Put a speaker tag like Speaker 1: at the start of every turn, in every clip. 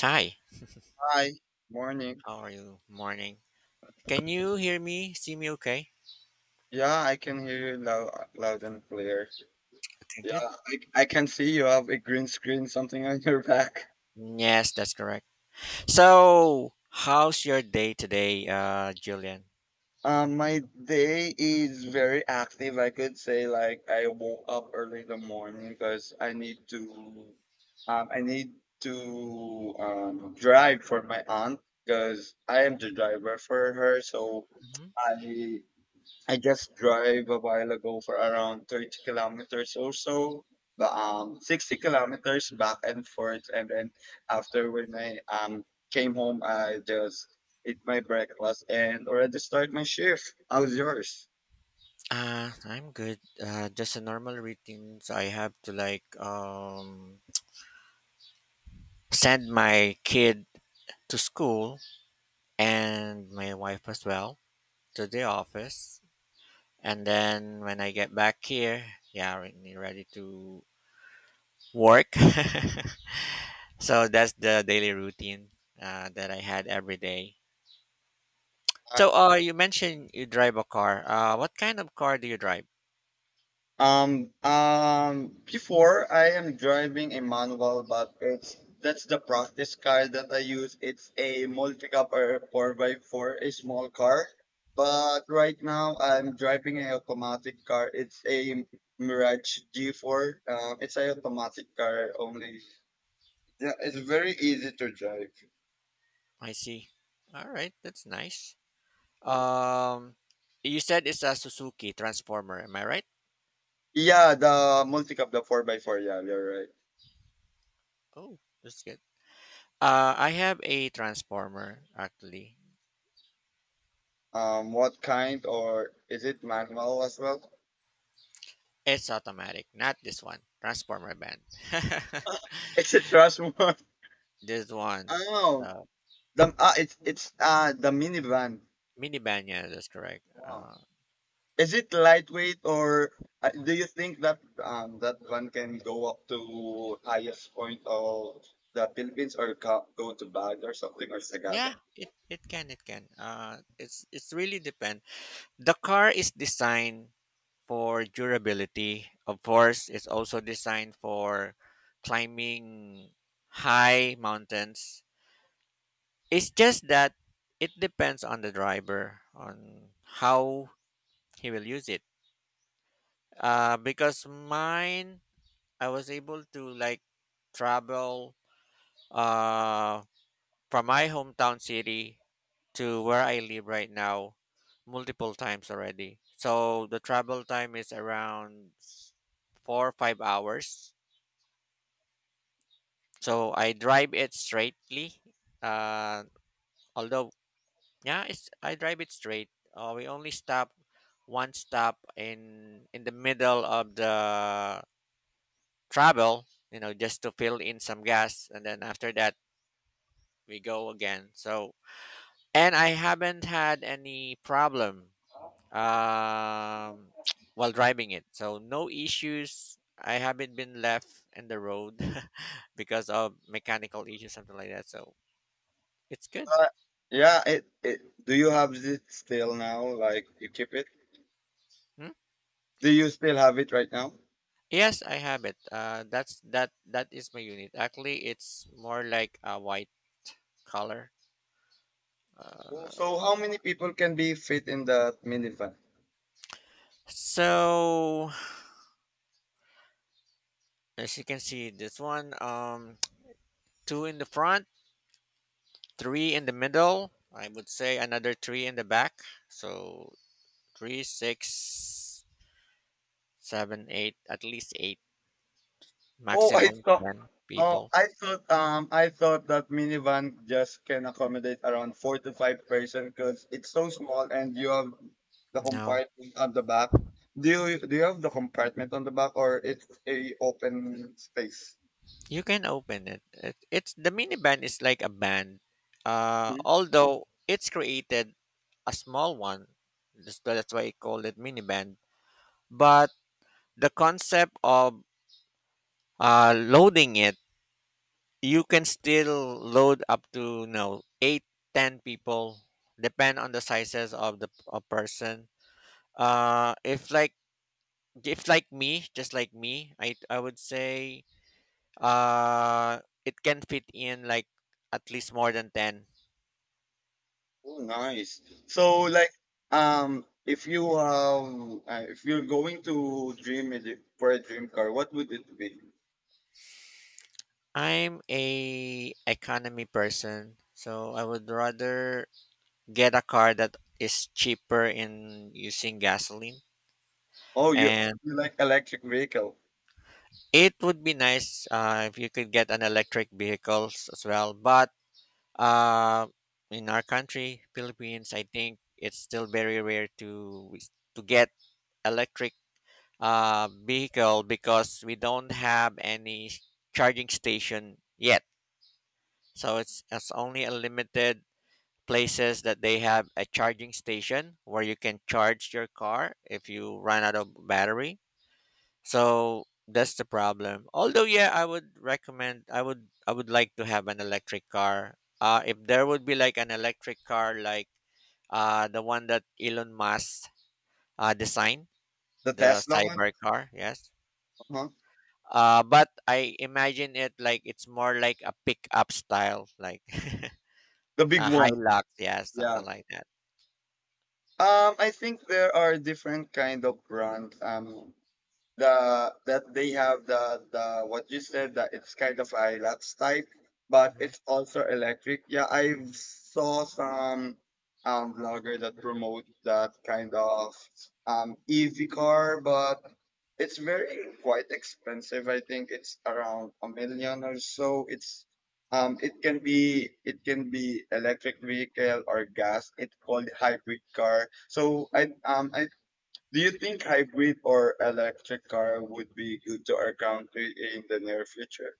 Speaker 1: Hi,
Speaker 2: Hi, morning.
Speaker 1: how are you? Morning. Can you hear me? See me okay?
Speaker 2: Yeah, I can hear you loud, loud and clear.
Speaker 1: Okay,
Speaker 2: Yeah,
Speaker 1: good.
Speaker 2: I can see you have a green screen, something on your back.
Speaker 1: Yes, that's correct. So, how's your day today, Julian?
Speaker 2: My day is very active. I could say like I woke up early in the morning because I need to drive for my aunt because I am the driver for her. So
Speaker 1: Mm-hmm.
Speaker 2: I I just drive a while ago for around 30 kilometers or so, but 60 kilometers back and forth. And then after when I came home, I just eat my breakfast and already start my shift. How's yours?
Speaker 1: I'm good. Just a normal routine. So I have to like send my kid to school and my wife as well to the office, and then when I get back here, yeah, ready to work. So that's the daily routine that I had every day. So you mentioned you drive a car. What kind of car do you drive?
Speaker 2: Before I am driving a manual, but it's that's the practice car that I use. It's a multi cup or 4 by 4 a small car. But right now I'm driving a automatic car. It's a Mirage G4. It's a automatic car only. Yeah, it's very easy to drive.
Speaker 1: I see. All right, that's nice. Um, you said it's a Suzuki Transformer. Am I right?
Speaker 2: Yeah, the multi-cop, the 4 by 4. Yeah, you're right.
Speaker 1: Oh, that's good. I have a Transformer actually.
Speaker 2: What kind or is it manual as well?
Speaker 1: It's automatic, not this one. Transformer van.
Speaker 2: Is it trust more?
Speaker 1: This one,
Speaker 2: Oh,
Speaker 1: the
Speaker 2: the ah, it's the minivan.
Speaker 1: minivan. Yeah, that's correct.
Speaker 2: Wow.
Speaker 1: Uh,
Speaker 2: Is it lightweight or do you think that that one can go up to highest point of the Philippines or ca- go to Baguio or something or Sagada?
Speaker 1: yeah, it, it can, it can. It's really depend. The car is designed for durability. Of course, it's also designed for climbing high mountains. It's just that it depends on the driver on how he will use it. Because mine, I was able to like travel uh from my hometown city to where I live right now multiple times already. So the travel time is around 4 or 5 hours. So I drive it straightly. Uh, although yeah, it's I drive it straight. We only stop one stop in the middle of the travel, just to fill in some gas, and then after that we go again. So and I haven't had any problem um, while driving it. So no issues. I haven't been left in the road because of mechanical issues, something like that. So it's good.
Speaker 2: Uh, yeah, it, it do you have it still now? Like you keep it?
Speaker 1: Hmm?
Speaker 2: Do you still have it right now?
Speaker 1: Yes, I have it. That's that. That is my unit. Actually, it's more like a white color. Uh,
Speaker 2: Oh, so how many people can be fit in that minivan?
Speaker 1: so as you can see, this one, two in the front, three in the middle. I would say another three in the back. So three, six, seven, eight, at least eight,
Speaker 2: Oh, I
Speaker 1: maximum
Speaker 2: saw.
Speaker 1: ten people.
Speaker 2: Oh, I thought that minivan just can accommodate around four to five person because it's so small and you have the
Speaker 1: No,
Speaker 2: compartment on the back. Do you have the compartment on the back or it's a open space?
Speaker 1: you can open it. It it's the minivan is like a band,
Speaker 2: Hmm?
Speaker 1: although it's created a small one. That's why I call it minivan. But the concept of loading it, you can still load up to no eight, ten people, depend on the sizes of the a person. Uh, if like if like me, just like me, I would say it can fit in like at least more than 10.
Speaker 2: Oh, nice. So
Speaker 1: Mhm.
Speaker 2: like if you have if you're going to dream it for a dream car, what would it be?
Speaker 1: I'm a economy person, so I would rather get a car that is cheaper in using gasoline.
Speaker 2: Oh, you,
Speaker 1: And
Speaker 2: you like electric vehicle,
Speaker 1: it would be nice if you could get an electric vehicles as well. But uh, in our country, Philippines, I think it's still very rare to get electric vehicle because we don't have any charging station yet. So it's only a limited places that they have a charging station where you can charge your car if you run out of battery. So that's the problem. Although yeah, I would recommend I would like to have an electric car. If there would be like an electric car like the one that Elon Musk designed,
Speaker 2: the
Speaker 1: the
Speaker 2: Tesla one,
Speaker 1: cyber car, yes.
Speaker 2: huh,
Speaker 1: But I imagine it like it's more like a pickup style, like
Speaker 2: the big
Speaker 1: a high
Speaker 2: one.
Speaker 1: lock, yeah,
Speaker 2: Yeah.
Speaker 1: something like that.
Speaker 2: I think there are different kind of brands. The that they have the what you said that it's kind of a Hilux type, but
Speaker 1: Hmm.
Speaker 2: it's also electric. Yeah, I saw some vlogger that promote that kind of EV car, but it's very quite expensive. I think it's around a million or so. It's it can be electric vehicle or gas. It's called hybrid car. So I do you think hybrid or electric car would be good to our country in the near future?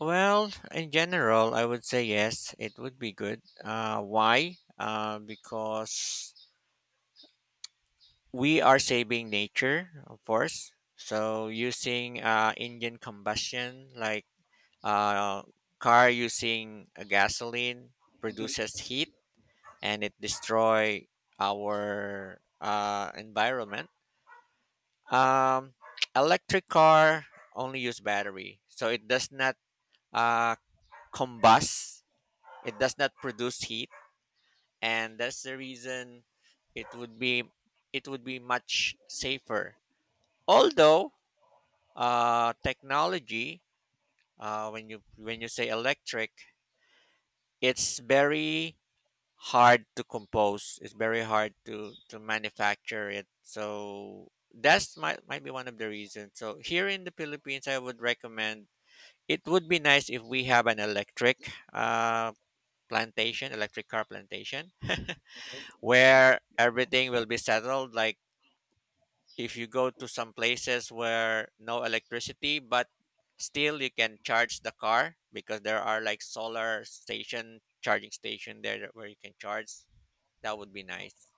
Speaker 1: Well, in general, I would say yes, it would be good. Why? Because we are saving nature, of course. So using engine combustion, like uh, car using a gasoline, produces heat and it destroy our environment. Um, Electric car only use battery, so it does not uh, combust. It does not produce heat, and that's the reason it would be it would be much safer. Although technology, when you say electric, it's very hard to compose. It's very hard to manufacture it. So that's might be one of the reasons. So here in the Philippines, I would recommend it would be nice if we have an electric plantation, electric car plantation, where everything will be settled. Like if you go to some places where no electricity, but still you can charge the car because there are like solar station charging station there where you can charge. That would be nice.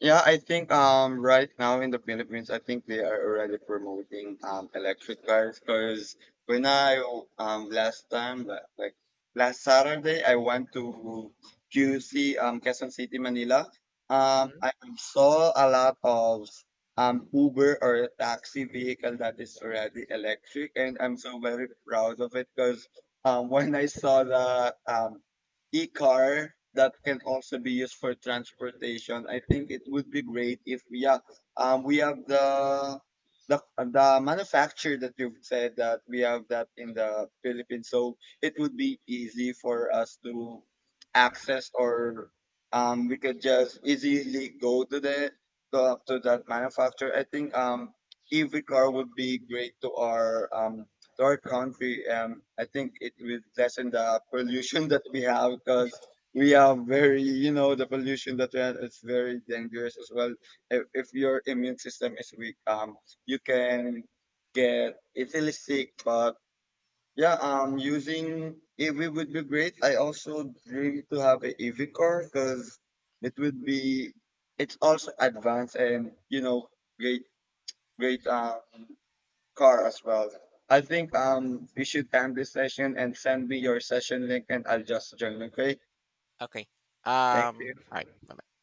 Speaker 2: Yeah, I think right now in the Philippines, I think they are already promoting electric cars because when I last time li- like last Saturday I went to QC, Quezon City, Manila.
Speaker 1: Hmm.
Speaker 2: I saw a lot of Uber or taxi vehicle that is already electric, and I'm so very proud of it because when I saw the e-car that can also be used for transportation. I think it would be great if yeah, we have the the manufacturer that you've said that we have that in the Philippines, so it would be easy for us to access or we could just easily go to the to that manufacturer. I think EV car would be great to our country. I think it will lessen the pollution that we have because we are very, you know, the pollution that we have is very dangerous as well. If your immune system is weak, you can get easily sick. But yeah, using EV would be great. I also dream to have a EV car because it would be. It's also advanced and you know great, great. Car as well. I think we should end this session and send me your session link and I'll just join. Okay.
Speaker 1: Okay.
Speaker 2: Thank you.
Speaker 1: All right. Bye.